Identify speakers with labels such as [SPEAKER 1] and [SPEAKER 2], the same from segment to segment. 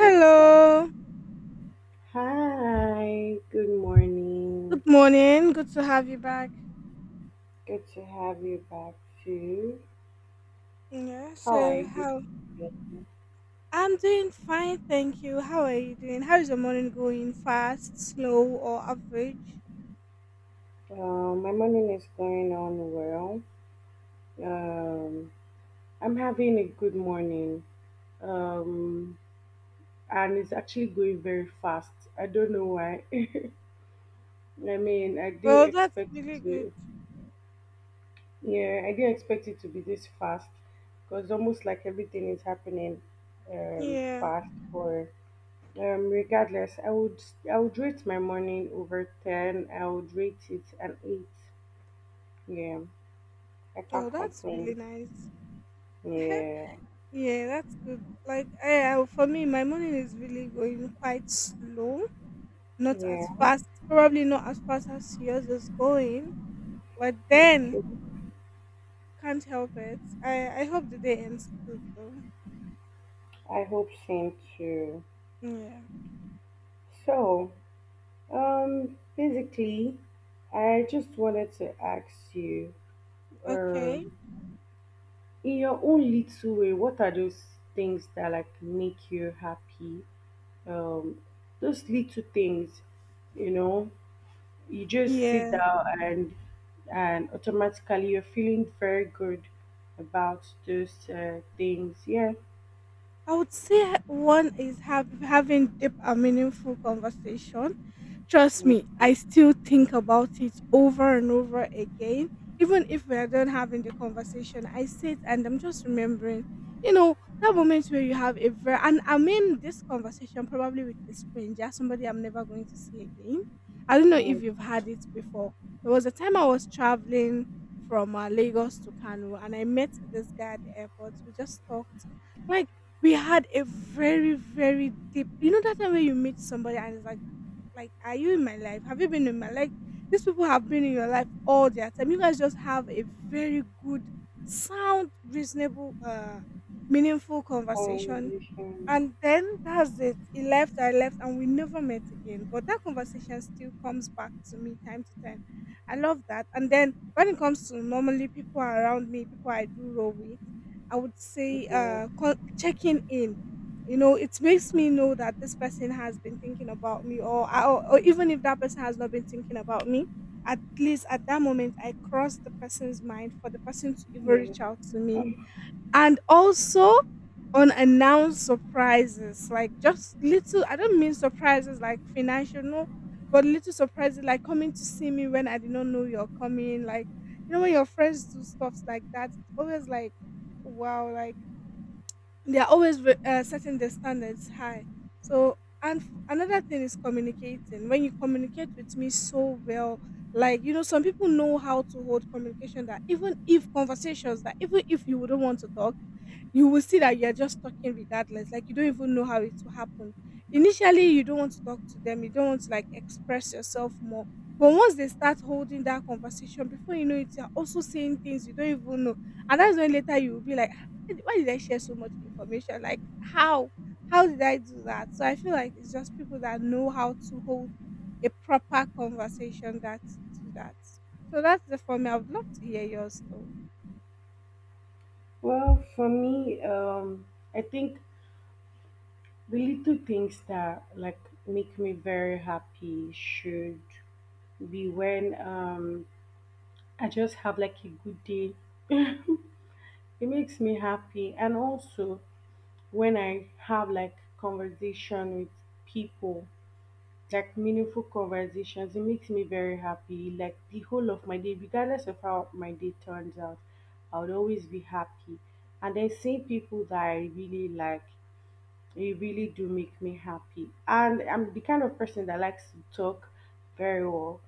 [SPEAKER 1] Opa.
[SPEAKER 2] Hello.
[SPEAKER 1] Hi, good morning.
[SPEAKER 2] Good morning. Good to have you back.
[SPEAKER 1] Good to have you back too.
[SPEAKER 2] Yeah.
[SPEAKER 1] How are
[SPEAKER 2] So
[SPEAKER 1] you this
[SPEAKER 2] how?
[SPEAKER 1] morning?
[SPEAKER 2] I'm doing fine, thank you. How are you doing? How is your morning going? Fast, slow, or average?
[SPEAKER 1] My morning is going on well. Um, I'm having a good morning. Um, and it's actually going very fast. I don't know why. I mean, I didn't
[SPEAKER 2] Well, that's
[SPEAKER 1] expect it to.
[SPEAKER 2] good.
[SPEAKER 1] Yeah, I didn't expect it to be this fast because almost like everything is happening
[SPEAKER 2] Yeah.
[SPEAKER 1] fast for. Regardless, I would rate my morning over ten. I would rate it an eight. Yeah, I can't
[SPEAKER 2] Oh, that's really
[SPEAKER 1] complain.
[SPEAKER 2] nice.
[SPEAKER 1] Yeah,
[SPEAKER 2] Yeah, that's good. Like, for me, my morning is really going quite slow. Not
[SPEAKER 1] yeah.
[SPEAKER 2] as fast. Probably not as fast as yours is going. But then,
[SPEAKER 1] Okay.
[SPEAKER 2] can't help it. I hope the day ends soon.
[SPEAKER 1] I hope same too. So, basically, I just wanted to ask you,
[SPEAKER 2] Okay.
[SPEAKER 1] um, in your own little way, what are those things that like make you happy? Um, those little things, you know. You just sit
[SPEAKER 2] Yeah.
[SPEAKER 1] down and automatically you're feeling very good about those things. Yeah,
[SPEAKER 2] I would say one is having deep and meaningful conversation. Trust
[SPEAKER 1] yeah,
[SPEAKER 2] me, I still think about it over and over again. Even if we are done having the conversation, I sit and I'm just remembering, you know, that moment where you have a very, and I mean this conversation probably with a stranger, somebody I'm never going to see again. I don't know
[SPEAKER 1] yeah.
[SPEAKER 2] if you've had it before. There was a time I was traveling from Lagos to Kano, and I met this guy at the airport. Like, we had a very, very deep, you know, that time when you meet somebody and it's like, are you in my life? Have you been in my life? These people have been in your life all their time. You guys just have a very good, sound, reasonable, meaningful conversation,
[SPEAKER 1] Um,
[SPEAKER 2] and then that's it. He left, I left, and we never met again. But that conversation still comes back to me time to time. I love that. And then when it comes to normally people around me, people I do roll with, I would say
[SPEAKER 1] yeah,
[SPEAKER 2] checking in. You know, it makes me know that this person has been thinking about me, or, or even if that person has not been thinking about me, at least at that moment I cross the person's mind for the person to even
[SPEAKER 1] yeah.
[SPEAKER 2] reach out to me.
[SPEAKER 1] Um,
[SPEAKER 2] And also unannounced surprises, like just little, I don't mean surprises like financial, no, but little surprises like coming to see me when I did not know you're coming. Like, you know, when your friends do stuffs like that, it's always like, wow. Like, they are always setting the standards high. So, and another thing is communicating. When you communicate with me so well, like, you know, some people know how to hold communication. That even if conversations, that even if you wouldn't want to talk, you will see that you are just talking regardless. Like, you don't even know how it will happen. Initially, you don't want to talk to them. You don't want to like express yourself more. But once they start holding that conversation, before you know it, you're also saying things you don't even know. And that's when later you will be like, why did I share so much information? Like, how? How did I do that? So I feel like it's just people that know how to hold proper conversation that do that. So that's the for me. I would love to hear yours.
[SPEAKER 1] well, for me, I think the little things that like make me very happy should be when I just have like a good day. It makes me happy. And also when I have like conversation with people, like meaningful conversations, it makes me very happy. Like, the whole of my day, regardless of how my day turns out, I would always be happy. And then seeing people that I really like, they really do make me happy. And I'm the kind of person that likes to talk very well.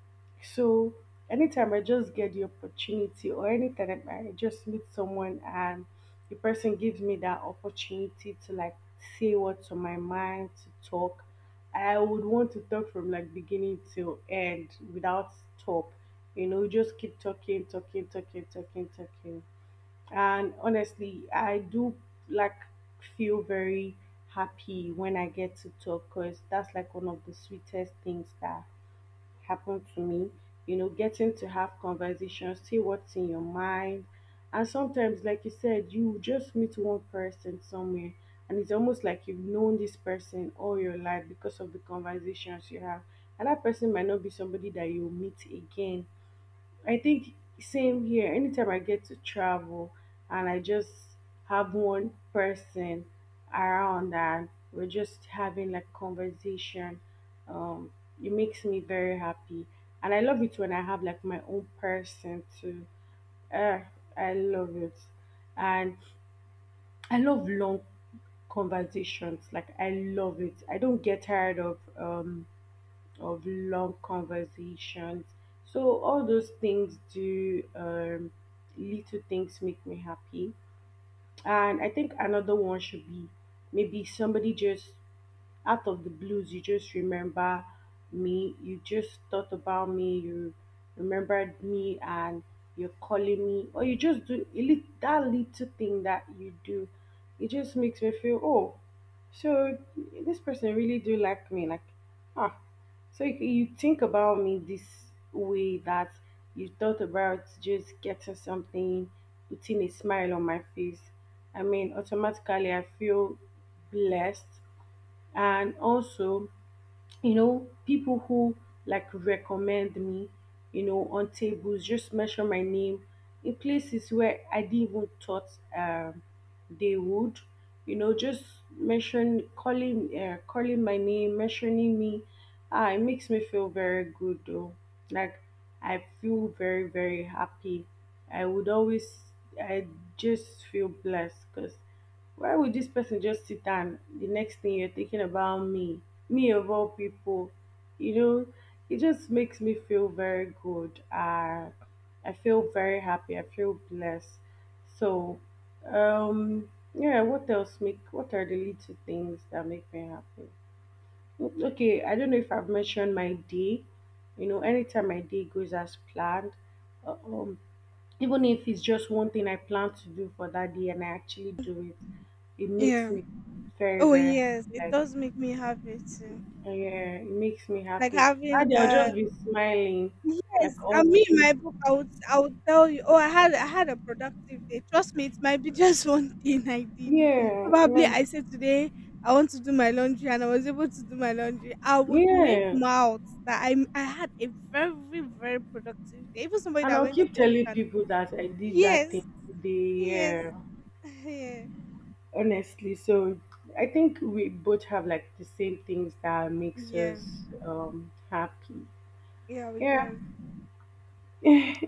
[SPEAKER 1] So anytime I just get the opportunity, or anytime that I just meet someone and the person gives me that opportunity to like say what's on my mind, to talk, I would want to talk from like beginning to end without stop. You know, just keep talking, talking, talking, talking, talking. And honestly, I do like feel very happy when I get to talk, because that's like one of the sweetest things that happened to me. You know, getting to have conversations, see what's in your mind. And sometimes, like you said, you just meet one person somewhere and it's almost like you've known this person all your life because of the conversations you have. And that person might not be somebody that you'll meet again. I think same here. Anytime I get to travel and I just have one person around and we're just having like conversation, um, it makes me very happy. And I love it when I have like my own person too. Uh, I love it. And I love long conversations. Like, I love it. I don't get tired of of long conversations. So all those things do, little things make me happy. And I think another one should be maybe somebody just out of the blues you just remember me, you just thought about me, you remembered me and you're calling me, or you just do that little thing that you do. It just makes me feel, oh, so this person really do like me. Like, ah, so you think about me this way, that you thought about just getting something, putting a smile on my face. I mean, automatically I feel blessed. And also, people who like recommend me, on tables, just mention my name in places where I didn't even thought, um, they would, just mention, calling my name, mentioning me. Ah, it makes me feel very good though. Like, I feel very, very happy. I would always i just feel blessed. Because why would this person just sit down? The next thing you're thinking about me? Me of all people. You know, it just makes me feel very good. I feel very happy. I feel blessed. So, yeah, what are the little things that make me happy? Okay, I don't know if I've mentioned my day. You know, anytime my day goes as planned, uh, um, even if it's just one thing I plan to do for that day and I actually do it, it makes
[SPEAKER 2] Yeah.
[SPEAKER 1] me very,
[SPEAKER 2] Oh
[SPEAKER 1] very,
[SPEAKER 2] yes, it
[SPEAKER 1] like,
[SPEAKER 2] does make me happy too.
[SPEAKER 1] yeah, it makes me
[SPEAKER 2] Like
[SPEAKER 1] happy.
[SPEAKER 2] having
[SPEAKER 1] That day I'll just be smiling,
[SPEAKER 2] yes,
[SPEAKER 1] like, all
[SPEAKER 2] and me in
[SPEAKER 1] through.
[SPEAKER 2] my book I would, tell you, oh I had, a product. Trust me, it might be just one thing I did.
[SPEAKER 1] Yeah, like,
[SPEAKER 2] Today I want to do my laundry, and I was able to do my laundry, I would make
[SPEAKER 1] yeah.
[SPEAKER 2] mouth that I had a very, very productive day. Even somebody
[SPEAKER 1] And
[SPEAKER 2] that
[SPEAKER 1] I'll
[SPEAKER 2] went to
[SPEAKER 1] keep
[SPEAKER 2] work.
[SPEAKER 1] telling people that I did that
[SPEAKER 2] Yes,
[SPEAKER 1] thing today,
[SPEAKER 2] yes,
[SPEAKER 1] yeah.
[SPEAKER 2] yeah,
[SPEAKER 1] Honestly, so I think we both have like the same things that makes us happy.
[SPEAKER 2] yeah, we
[SPEAKER 1] Yeah.
[SPEAKER 2] does.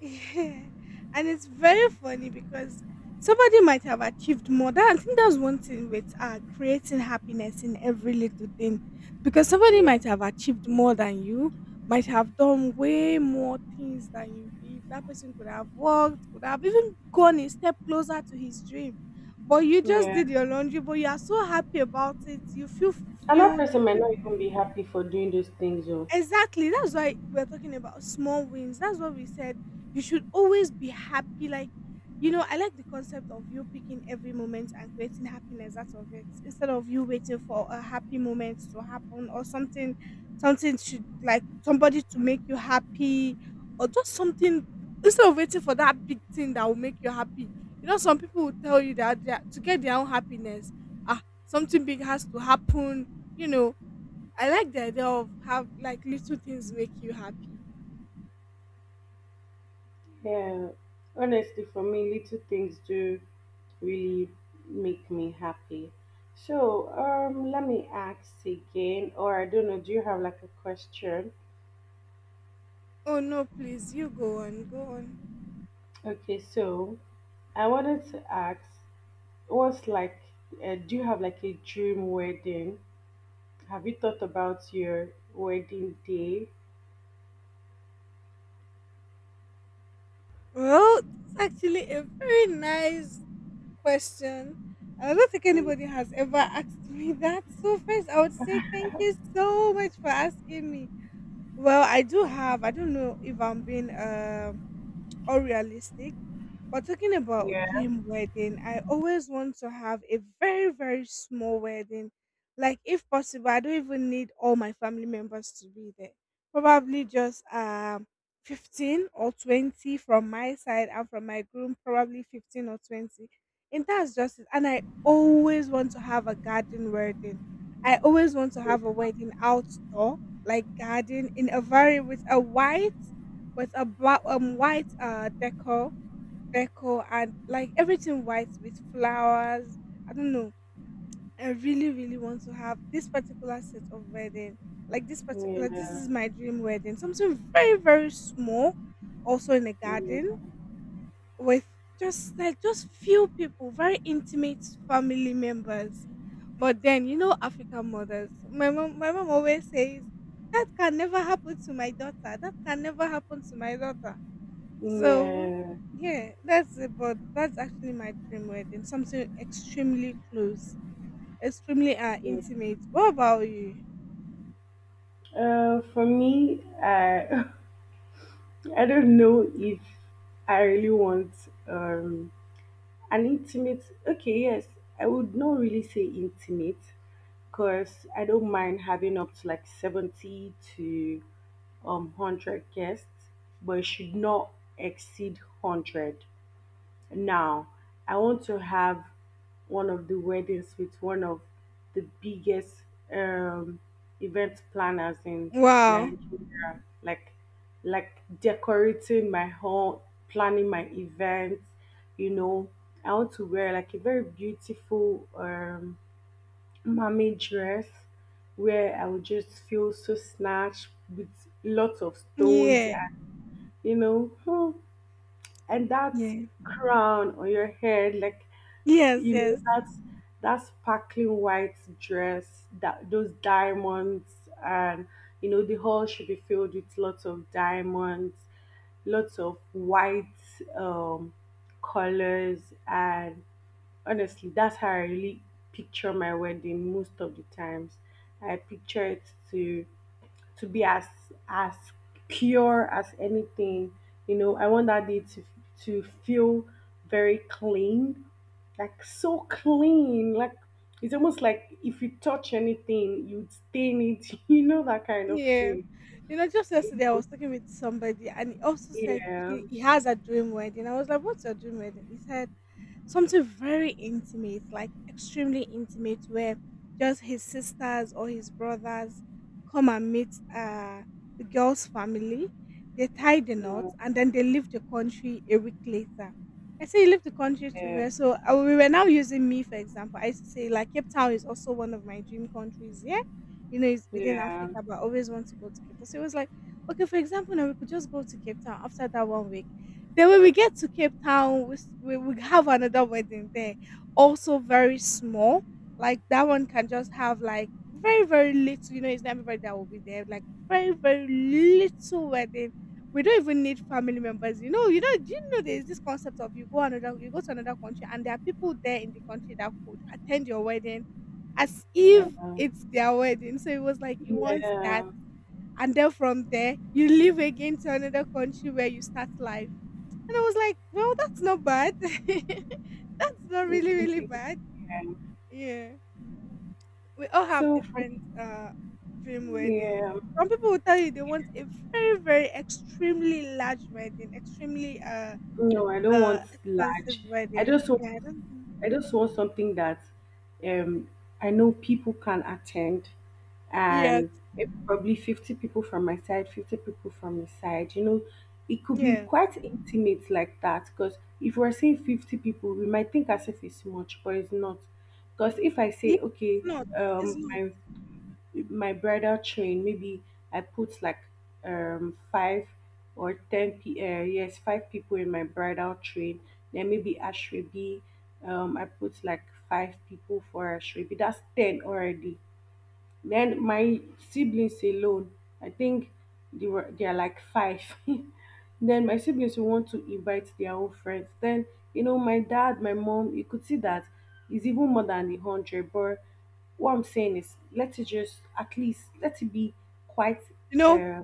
[SPEAKER 2] Yeah. And it's very funny because somebody might have achieved more. That I think that's one thing with creating happiness in every little thing. Because somebody
[SPEAKER 1] Yeah.
[SPEAKER 2] might have achieved more than you, might have done way more things than you did. That person could have worked, could have even gone a step closer to his dream. But you just
[SPEAKER 1] Yeah.
[SPEAKER 2] did your laundry, but you are so happy about it. You feel
[SPEAKER 1] And that
[SPEAKER 2] fulfilled. You...
[SPEAKER 1] person might not even be happy for doing those things. Or
[SPEAKER 2] Exactly. That's why we're talking about small wins. That's what we said. You should always be happy. Like, you know, I like the concept of you picking every moment and creating happiness as- instead of you waiting for a happy moment to happen or something, something should like somebody to make you happy or just something instead of waiting for that big thing that will make you happy. You know, some people will tell you that they are- to get their own happiness, ah, something big has to happen. You know, I like the idea of how like little things make you happy.
[SPEAKER 1] yeah, honestly, for me, little things do really make me happy. So, let me ask again, or I don't know. Do you have like a question?
[SPEAKER 2] Oh no, please, you go on, go on.
[SPEAKER 1] Okay, so I wanted to ask, what's like, do you have like a dream wedding? Have you thought about your wedding day?
[SPEAKER 2] Well, it's actually a very nice question. I don't think anybody has
[SPEAKER 1] Mm.
[SPEAKER 2] ever asked me that. So first, I would say thank you so much for asking me. Well, I do have. I don't know if I'm being unrealistic, but talking about
[SPEAKER 1] Yeah,
[SPEAKER 2] dream wedding, I always want to have a very, very small wedding. Like, if possible, I don't even need all my family members to be there. Probably just 15 or 20 from my side, and from my groom, probably 15 or 20. And that's just it. And I always want to have a garden wedding. I always want to have a wedding outdoor, like garden in a very with a white, with a black white decor, Deco, and like everything white with flowers. I don't know. I really, really want to have this particular set of wedding. Like this particular, this
[SPEAKER 1] yeah,
[SPEAKER 2] is my dream wedding. Something very, very small, also in a
[SPEAKER 1] yeah,
[SPEAKER 2] garden with just like just few people, very intimate family members. But then you know African mothers. My mom always says that can never happen to my daughter. That can never happen to my daughter. So
[SPEAKER 1] yeah,
[SPEAKER 2] yeah, that's it. But that's actually my dream wedding. Something extremely close, extremely
[SPEAKER 1] yeah.
[SPEAKER 2] intimate. What about you?
[SPEAKER 1] For me, I I don't know if I really want um an intimate. Okay, yes, I would not really say intimate because I don't mind having up to like seventy to hundred guests, but it should not exceed 100. Now, I want to have one of the weddings with one of the biggest um, event planners in
[SPEAKER 2] Wow.
[SPEAKER 1] Nigeria. Like decorating my home, planning my events. You know, I want to wear like a very beautiful mommy dress where I would just feel so snatched with lots of stones
[SPEAKER 2] Yeah.
[SPEAKER 1] and you know, hmm, and that
[SPEAKER 2] Yeah.
[SPEAKER 1] crown on your head. Like,
[SPEAKER 2] Yes,
[SPEAKER 1] you know,
[SPEAKER 2] yes,
[SPEAKER 1] that's that sparkling white dress, that those diamonds, and the hall should be filled with lots of diamonds, lots of white um colors. And honestly, that's how I really picture my wedding most of the times. I picture it to to be as pure as anything. You know, I want that day to feel very clean, like so clean. Like, it's almost like if you touch anything, you stain it. You know that kind of
[SPEAKER 2] yeah.
[SPEAKER 1] thing.
[SPEAKER 2] You know, just yesterday I was talking with somebody and he also said
[SPEAKER 1] Yeah.
[SPEAKER 2] he has a dream wedding. I was like, what's your dream wedding? He said something very intimate, like extremely intimate, where just his sisters or his brothers come and meet the girl's family. They tie the knot
[SPEAKER 1] Yeah.
[SPEAKER 2] and then they leave the country a week later. I say leave the country to
[SPEAKER 1] Yeah.
[SPEAKER 2] where? So we were now using me for example. I used to say like Cape Town is also one of my dream countries. Yeah, you know it's within Africa, but I always want, so it was like, okay, for example, now we could just go to Cape Town after that one week. Then when we get to Cape Town, we have another wedding there, also very small. Like that one can just have like very, very little, you know, it's not everybody that will be there, like very, very little wedding. We don't even need family members. You know, do you know there's this concept of you go another, you go to another country and there are people there in the country that attend your wedding as
[SPEAKER 1] Yeah.
[SPEAKER 2] if it's their wedding. So it was like you want that,
[SPEAKER 1] Yeah.
[SPEAKER 2] and then from there you leave again to another country where you start life. And I was like, well, that's not bad. That's not
[SPEAKER 1] It's
[SPEAKER 2] really, really
[SPEAKER 1] something.
[SPEAKER 2] bad.
[SPEAKER 1] Yeah.
[SPEAKER 2] Yeah. We all have
[SPEAKER 1] So for me,
[SPEAKER 2] different dream weddings.
[SPEAKER 1] yeah.
[SPEAKER 2] People will tell you they want a very, very extremely large wedding, extremely
[SPEAKER 1] No, I don't
[SPEAKER 2] uh
[SPEAKER 1] want large. I
[SPEAKER 2] wedding.
[SPEAKER 1] just want
[SPEAKER 2] Yeah. I don't-
[SPEAKER 1] I just want something that, um I know people can attend,
[SPEAKER 2] Yeah.
[SPEAKER 1] and maybe probably 50 people from my side, 50 people from his side. You know, it could be
[SPEAKER 2] Yeah.
[SPEAKER 1] quite intimate like that, because if we're saying 50 people, we might think as if it's much, but it's not. Because if I
[SPEAKER 2] Yes.
[SPEAKER 1] say, okay, um
[SPEAKER 2] No.
[SPEAKER 1] my my bridal train, maybe I put like five or ten p yes, five people in my bridal train. Then maybe ashrebi, I put like five people for ashrebi. That's 10 already. Then my siblings alone, I think they are like five. Then my siblings will want to invite their own friends. Then, my dad, my mom, you could see that is even more than 100. But what I'm saying is, let it just, at least let it be quite,
[SPEAKER 2] You know,
[SPEAKER 1] uh,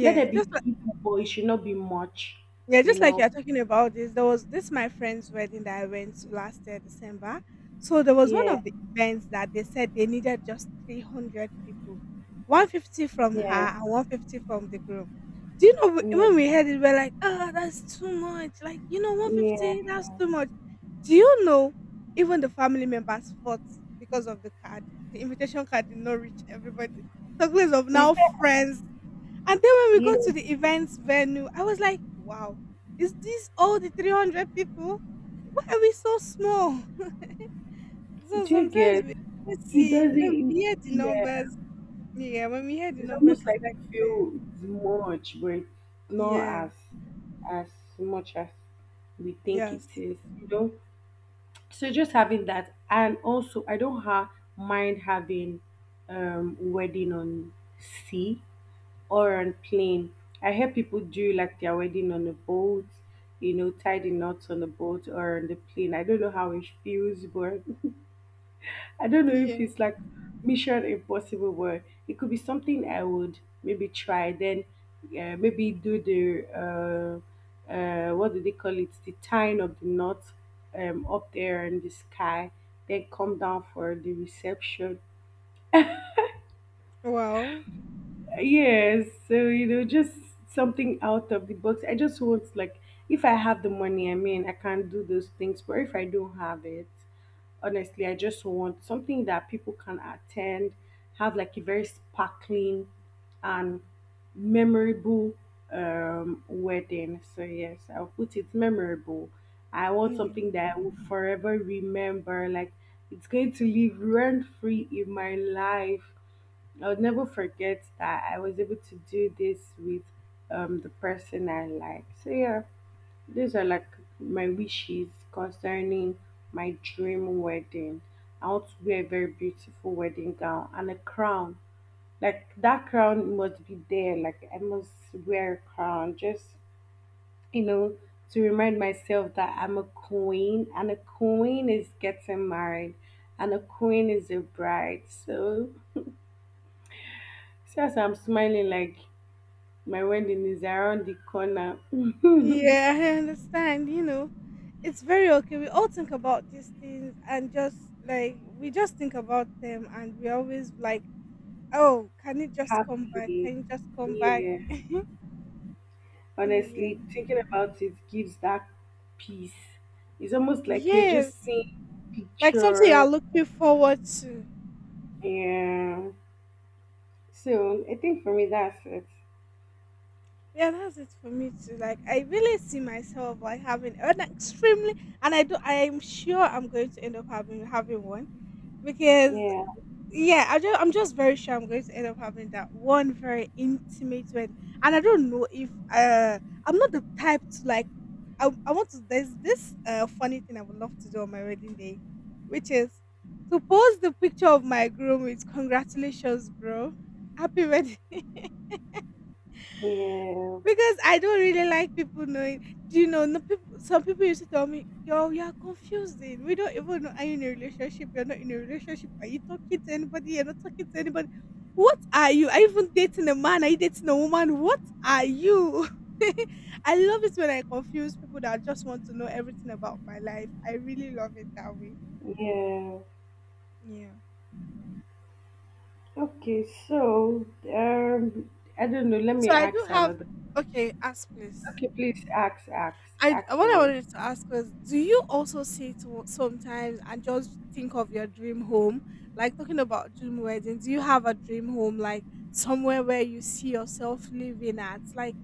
[SPEAKER 1] let there be
[SPEAKER 2] Just...
[SPEAKER 1] people, but it should not be much.
[SPEAKER 2] Yeah,
[SPEAKER 1] You
[SPEAKER 2] just like
[SPEAKER 1] know.
[SPEAKER 2] you're talking about this, there was this my friend's wedding that I went to last year, December. So there was one
[SPEAKER 1] Yeah,
[SPEAKER 2] of the events that they said they needed just 300, 150 from
[SPEAKER 1] yeah,
[SPEAKER 2] her and 150 from the groom. Do you know,
[SPEAKER 1] yeah,
[SPEAKER 2] when we heard it, we're like, oh, that's too much. Like, you know, 150,
[SPEAKER 1] yeah,
[SPEAKER 2] that's too much. Do you know, even the family members fought because of the card. The invitation card did not reach everybody. Talk less of now friends, and then when we go
[SPEAKER 1] yeah.
[SPEAKER 2] to the events venue, I was like, wow, is this all the 300 people? Why are we so small? So
[SPEAKER 1] Do you
[SPEAKER 2] sometimes
[SPEAKER 1] get?
[SPEAKER 2] we
[SPEAKER 1] It
[SPEAKER 2] see, when
[SPEAKER 1] doesn't.
[SPEAKER 2] we hear
[SPEAKER 1] Yeah,
[SPEAKER 2] numbers, yeah, when we hear the
[SPEAKER 1] it's
[SPEAKER 2] numbers,
[SPEAKER 1] almost
[SPEAKER 2] it's
[SPEAKER 1] like you
[SPEAKER 2] like,
[SPEAKER 1] feel it's much, but it's not
[SPEAKER 2] yeah,
[SPEAKER 1] as much as we think it
[SPEAKER 2] yes,
[SPEAKER 1] is, you know. So just having that. And also, I don't mind having wedding on sea or on plane. I hear people do like their wedding on a boat, you know, tie the knots on the boat or on the plane. I don't know how it feels, but I don't know if
[SPEAKER 2] yeah,
[SPEAKER 1] it's like Mission Impossible, where it could be something I would maybe try, then, maybe do the, what do they call it? The tying of the knot, up there in the sky, then come down for the reception.
[SPEAKER 2] wow,
[SPEAKER 1] Yes, so you know, just something out of the box. I just want, like, if I have the money, I mean, I can do those things. But if I don't have it, honestly, I just want something that people can attend, have like a very sparkling and memorable wedding. So yes, I'll put it memorable. I want
[SPEAKER 2] mm,
[SPEAKER 1] something that I will forever remember. Like, it's going to live rent free in my life. I'll never forget that I was able to do this with the person I like. So, yeah, these are like my wishes concerning my dream wedding. I want to wear a very beautiful wedding gown and a crown. Like, that crown must be there. Like, I must wear a crown just, you know, to remind myself that I'm a queen, and a queen is getting married, and a queen is a bride. So, since I'm smiling like, my wedding is around the corner. Mm.
[SPEAKER 2] yeah, I understand, you know, it's very okay. We all think about these things and just like, we just think about them, and we always like, oh, can it just come back?
[SPEAKER 1] Happy.
[SPEAKER 2] Come back.
[SPEAKER 1] Yeah.
[SPEAKER 2] Mm.
[SPEAKER 1] Honestly,
[SPEAKER 2] Yeah.
[SPEAKER 1] thinking about it gives that peace. It's almost like you're just
[SPEAKER 2] Yes.
[SPEAKER 1] seeing
[SPEAKER 2] Like something you are
[SPEAKER 1] picture.
[SPEAKER 2] looking forward to.
[SPEAKER 1] Yeah. So I think for me that's it.
[SPEAKER 2] Yeah, that's it for me too. Like I really see myself like having an extremely, and I do. I am sure I'm going to end up having one because
[SPEAKER 1] Yeah.
[SPEAKER 2] yeah, I just, I'm just very sure I'm going to end up having that one very intimate wedding. And I don't know if I'm not the type to like. I want to. There's this funny thing I would love to do on my wedding day, which is to post the picture of my groom with congratulations, bro, happy wedding.
[SPEAKER 1] Yeah.
[SPEAKER 2] Because I don't really like people knowing. Do you know? No, people, some people used to tell me, "Yo, you're confusing. We don't even know. Are you in a relationship? You're not in a relationship. Are you talking to anybody? You're not talking to anybody. What are you? Are you even dating a man? Are you dating a woman? What are you?" I love it when I confuse people that just want to know everything about my life. I really love it that way.
[SPEAKER 1] Yeah.
[SPEAKER 2] Yeah.
[SPEAKER 1] Okay, so, um I don't know, let
[SPEAKER 2] So
[SPEAKER 1] me
[SPEAKER 2] I do
[SPEAKER 1] ask
[SPEAKER 2] have
[SPEAKER 1] another.
[SPEAKER 2] okay, ask please.
[SPEAKER 1] Okay, please ask, ask,
[SPEAKER 2] I
[SPEAKER 1] ask
[SPEAKER 2] what I
[SPEAKER 1] me.
[SPEAKER 2] wanted to ask was, do you also sit sometimes and just think of your dream home? Like talking about dream wedding, do you have a dream home like somewhere where you see yourself living at?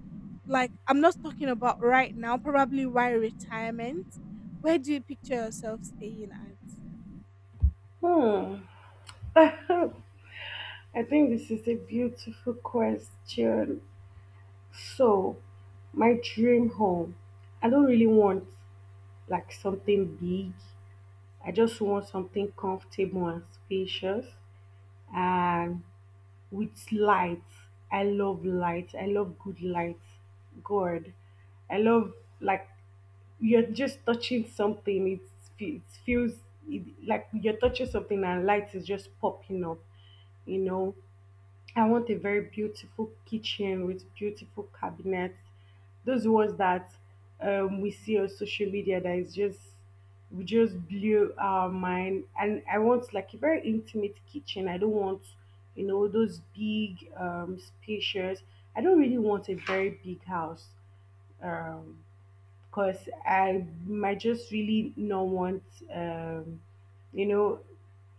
[SPEAKER 2] Like I'm not talking about right now, probably while retirement. Where do you picture yourself staying at?
[SPEAKER 1] Hmm. I think this is a beautiful question. So, my dream home, I don't really want like something big. I just want something comfortable and spacious and with lights. I love lights. I love good lights. God, I love like you're just touching something. It's, fe- it feels it, like you're touching something and light is just popping up, you know. I want a very beautiful kitchen with beautiful cabinets. Those ones that we see on social media that is just we just blew our mind. And I want like a very intimate kitchen. I don't want you know those big spacious. I don't really want a very big house. Um, because I might just really not want, um, you know,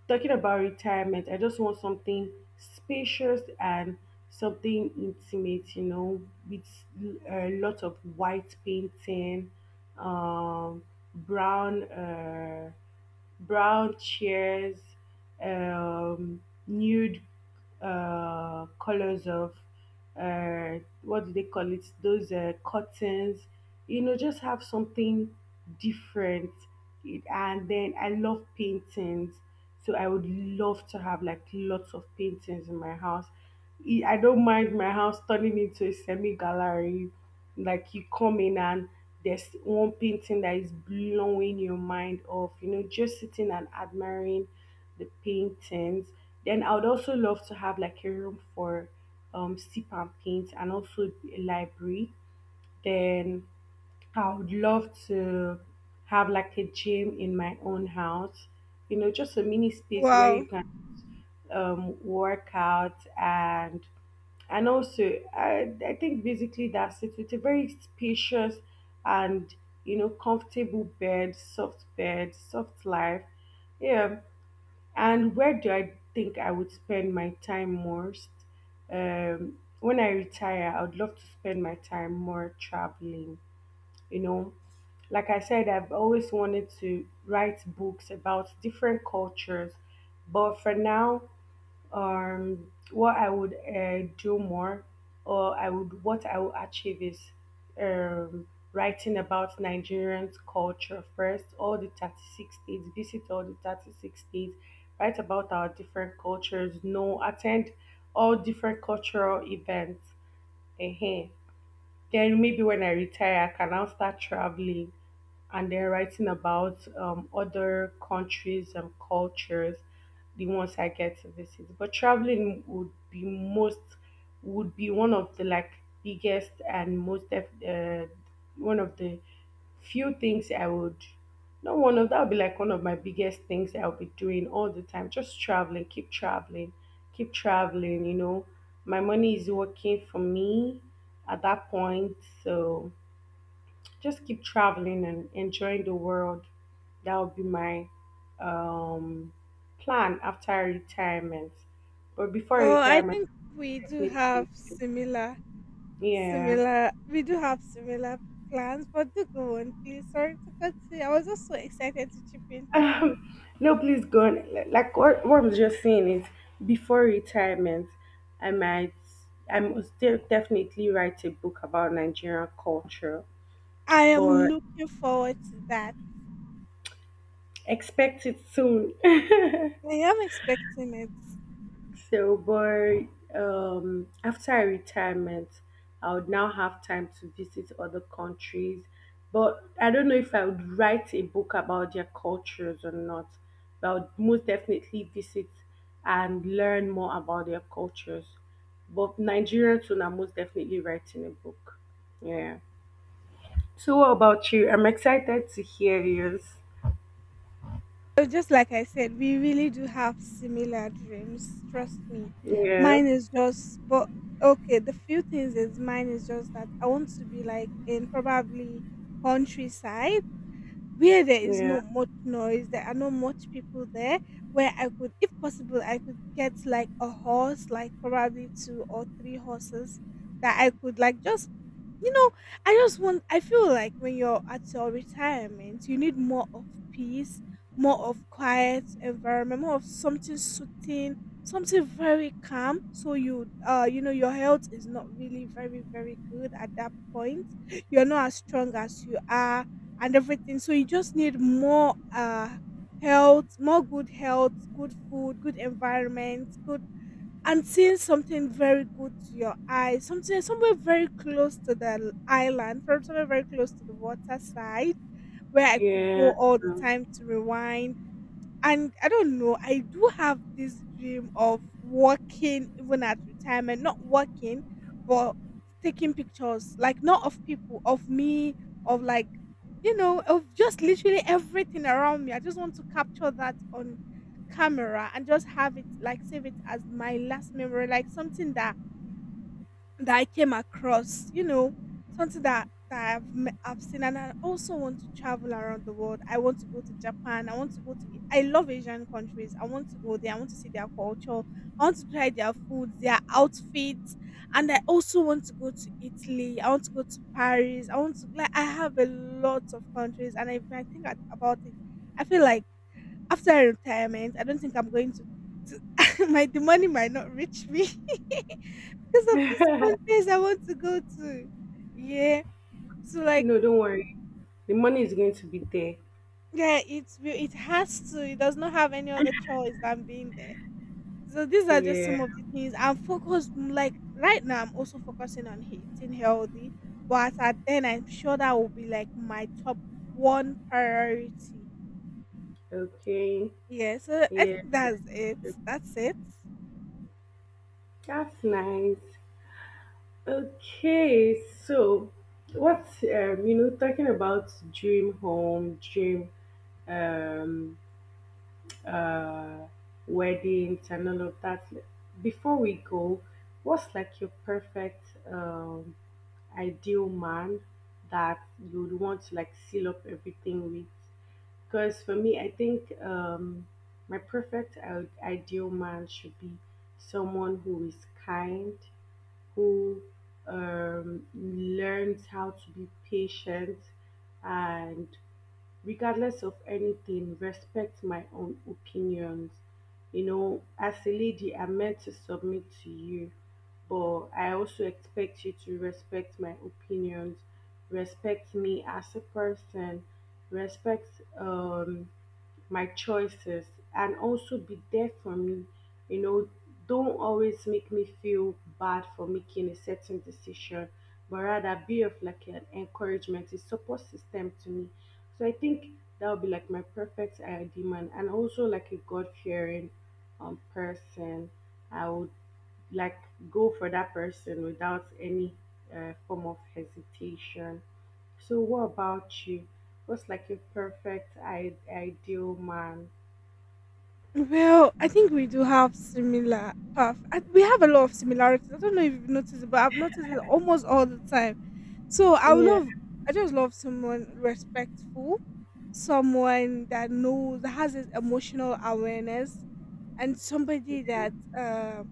[SPEAKER 1] talking about retirement. I just want something spacious and something intimate, you know, with a lot of white painting, um, brown. Brown chairs, um, nude colors of what do they call it? Those curtains. You know, just have something different. And then I love paintings, so I would love to have like lots of paintings in my house. I don't mind my house turning into a semi gallery, like you come in and there's one painting that is blowing your mind off, you know, just sitting and admiring the paintings. Then I would also love to have like a room for sip and paint and also a library. Then I would love to have like a gym in my own house, you know, just a mini space where you
[SPEAKER 2] Wow.
[SPEAKER 1] can work out. And also I think basically that's it, with a very spacious and you know comfortable bed, soft bed, soft life. Yeah. And where do I think I would spend my time most? When I retire, I would love to spend my time more traveling, you know, like I said, I've always wanted to write books about different cultures. But for now, what I would do more, or I would, what I would achieve is um writing about Nigerian culture first, all the 36 states, visit all the 36 states, write about our different cultures, know, attend all different cultural events. uh Then maybe when I retire, I can now start traveling and then writing about other countries and cultures, the ones I get to visit. But traveling would be most, would be one of the like biggest and most one of the few things I would, not one of that, would be like one of my biggest things I'll be doing all the time, just traveling, keep traveling, keep traveling, you know, my money is working for me at that point. So just keep traveling and enjoying the world. That would be my um, plan after retirement. But before
[SPEAKER 2] Oh, I
[SPEAKER 1] retirement,
[SPEAKER 2] think we do
[SPEAKER 1] definitely going
[SPEAKER 2] have
[SPEAKER 1] to.
[SPEAKER 2] similar,
[SPEAKER 1] Yeah.
[SPEAKER 2] similar. We do have similar plans, but do go on, please. Sorry to cut you. I was just so excited to chip in.
[SPEAKER 1] No, please go on. Like what I'm just saying is, before retirement, I might, I must definitely write a book about Nigerian culture,
[SPEAKER 2] I am
[SPEAKER 1] but
[SPEAKER 2] looking forward to that.
[SPEAKER 1] expect it soon.
[SPEAKER 2] Isn't it?
[SPEAKER 1] So, but after retirement, I would now have time to visit other countries. But I don't know if I would write a book about their cultures or not. But I would most definitely visit and learn more about their cultures. But Nigerian soon, I'm most definitely writing a book. Yeah. So, what about you? I'm excited to hear yours.
[SPEAKER 2] So just like I said, we really do have similar dreams. Trust me.
[SPEAKER 1] Yeah.
[SPEAKER 2] Mine is just, but okay, the few things is mine is just that I want to be like in probably countryside where there is
[SPEAKER 1] Yeah.
[SPEAKER 2] not much noise, there are not much people there, where I could possible I could get like a horse, like probably two or three horses that I could like just you know, I just want I feel like when you're at your retirement, you need more of peace, more of quiet environment, more of something soothing, something very calm. So you you know your health is not really very, very good at that point. You're not as strong as you are and everything. So you just need more health, more good health, good food, good environment, good and seeing something very good to your eye, something somewhere very close to the island, from somewhere very close to the water side, where I could go
[SPEAKER 1] Yeah.
[SPEAKER 2] all the to rewind. And I don't know, I do have this dream of working even at retirement, not working, but taking pictures, like not of people, of me, of like, you know, of just literally everything around me. I just want to capture that on camera and just have it like save it as my last memory, like something that I came across, you know, something that I've seen, and I also want to travel around the world. I want to go to Japan. I want to. I love Asian countries. I want to go there. I want to see their culture. I want to try their food, their outfits, and I also want to go to Italy. I want to Paris. I want to like I have a lot of countries, and if I think about it, I feel like after retirement, I don't think I'm going to. My the money might not reach me because of these countries I want to go to. Yeah, so like
[SPEAKER 1] No, don't worry. The money is going to be there.
[SPEAKER 2] yeah, it's it has to. It does not have any other choice than. So these are just
[SPEAKER 1] Yeah.
[SPEAKER 2] some of the things I'm focused. Like right now, I'm also focusing on eating healthy, but at then I'm sure that will be like my one priority.
[SPEAKER 1] Okay.
[SPEAKER 2] Yeah, so I
[SPEAKER 1] Yeah.
[SPEAKER 2] think that's it. That's it.
[SPEAKER 1] That's nice. Okay. So, what's you know, talking about dream home, dream um uh weddings and all of that. Before we go, what's like your perfect um ideal man that you would want to like seal up everything with? Because for me, I think my perfect ideal man should be someone who is kind, who learns how to be patient, and regardless of anything, respects my own opinions. You know, as a lady, I'm meant to submit to you, but I also expect you to respect my opinions, respect me as a person, respect um my choices, and also be there for me. You know, don't always make me feel bad for making a certain decision, but rather be of like an encouragement, a support system to me. So I think that would be like my perfect ideal man, and also like a God fearing person. I would like go for that person without any form of hesitation. So, what about you? What's like your perfect ideal man?
[SPEAKER 2] Well, I think we do have similar path. I, we have a lot of similarities. I don't know if you've noticed it, but I've noticed it almost all the time. So I would
[SPEAKER 1] Yeah,
[SPEAKER 2] love, I just love someone respectful, someone that knows, that has this emotional awareness, and somebody that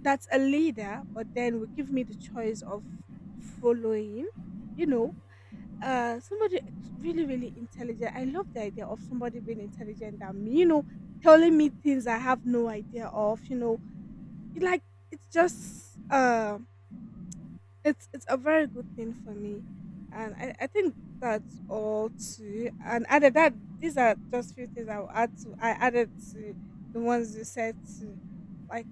[SPEAKER 2] that's a leader, but then will give me the choice of following. You know, somebody really intelligent. I love the idea of somebody being intelligent than me, you know, telling me things I have no idea of, you know, it, like it's just it's a very good thing for me, and I think that's all too and added that these are just few things I'll add to I added to the ones you said to like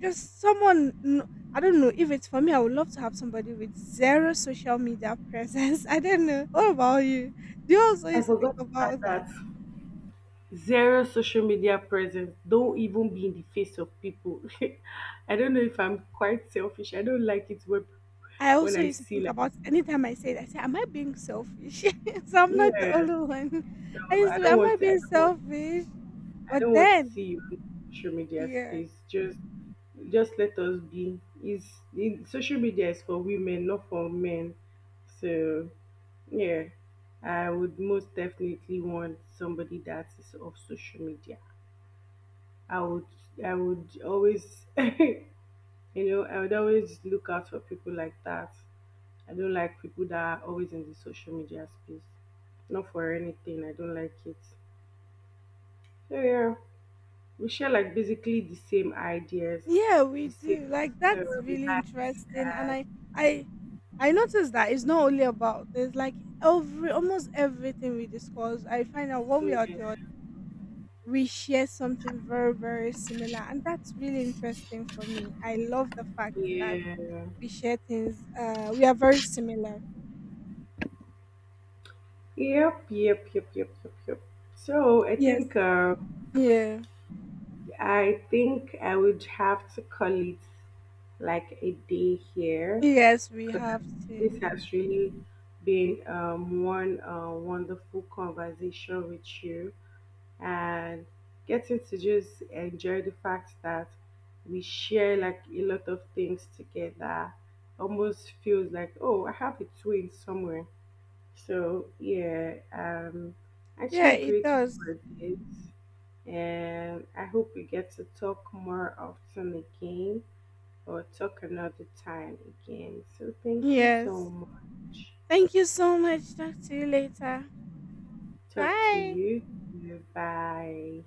[SPEAKER 2] just someone I don't know if it's for me. I would love to have somebody with zero social media presence. I don't know. What about you? Do you also
[SPEAKER 1] I
[SPEAKER 2] used to think
[SPEAKER 1] forgot to add
[SPEAKER 2] about? That?
[SPEAKER 1] that. Zero social media presence. Don't even be in the face of people. I don't know if I'm quite selfish. I don't like it when
[SPEAKER 2] I also
[SPEAKER 1] I
[SPEAKER 2] used to
[SPEAKER 1] see
[SPEAKER 2] think
[SPEAKER 1] like,
[SPEAKER 2] about it. Anytime I say it, I say, "Am I being selfish?" So I'm not the
[SPEAKER 1] yeah,
[SPEAKER 2] only one. I
[SPEAKER 1] no,
[SPEAKER 2] used
[SPEAKER 1] I
[SPEAKER 2] to, be,
[SPEAKER 1] don't
[SPEAKER 2] "Am I
[SPEAKER 1] want I
[SPEAKER 2] being
[SPEAKER 1] don't want
[SPEAKER 2] selfish?"
[SPEAKER 1] I
[SPEAKER 2] But
[SPEAKER 1] don't want to see
[SPEAKER 2] then,
[SPEAKER 1] you in social media
[SPEAKER 2] yeah,
[SPEAKER 1] space. Just let us be. Is, social media is for women, not for men. So yeah, I would most definitely want somebody that is off social media. I would I would always you know, I would always look out for people like that. I don't like people that are always in the social media space. Not for anything. I don't like it. So yeah, we share like basically the same ideas,
[SPEAKER 2] yeah, we
[SPEAKER 1] the same
[SPEAKER 2] do. Like that's really
[SPEAKER 1] likes.
[SPEAKER 2] interesting, and I, I noticed that it's not only about. There's like every almost everything we discuss. I find out one way or the other
[SPEAKER 1] Yeah.
[SPEAKER 2] we share something very, very similar. And that's really interesting for me. I love the fact that
[SPEAKER 1] Yep,
[SPEAKER 2] we share things, we are very similar.
[SPEAKER 1] yep, yep, yep, yep, yep. So I
[SPEAKER 2] Yes.
[SPEAKER 1] think
[SPEAKER 2] Yeah.
[SPEAKER 1] I think I would have to call it like a day here,
[SPEAKER 2] Yes, we
[SPEAKER 1] because
[SPEAKER 2] have
[SPEAKER 1] this
[SPEAKER 2] to.
[SPEAKER 1] has really been one wonderful conversation with you, and getting to just enjoy the fact that we share like a lot of things together almost feels like, oh, I have a twin somewhere. So yeah,
[SPEAKER 2] Yeah,
[SPEAKER 1] actually
[SPEAKER 2] it
[SPEAKER 1] grateful
[SPEAKER 2] does.
[SPEAKER 1] for this, and I hope we get to talk more often again, or talk another time again. So thank you so
[SPEAKER 2] Yes.
[SPEAKER 1] much.
[SPEAKER 2] Thank you so much. Talk to you later.
[SPEAKER 1] Talk to
[SPEAKER 2] Bye.
[SPEAKER 1] you. Bye.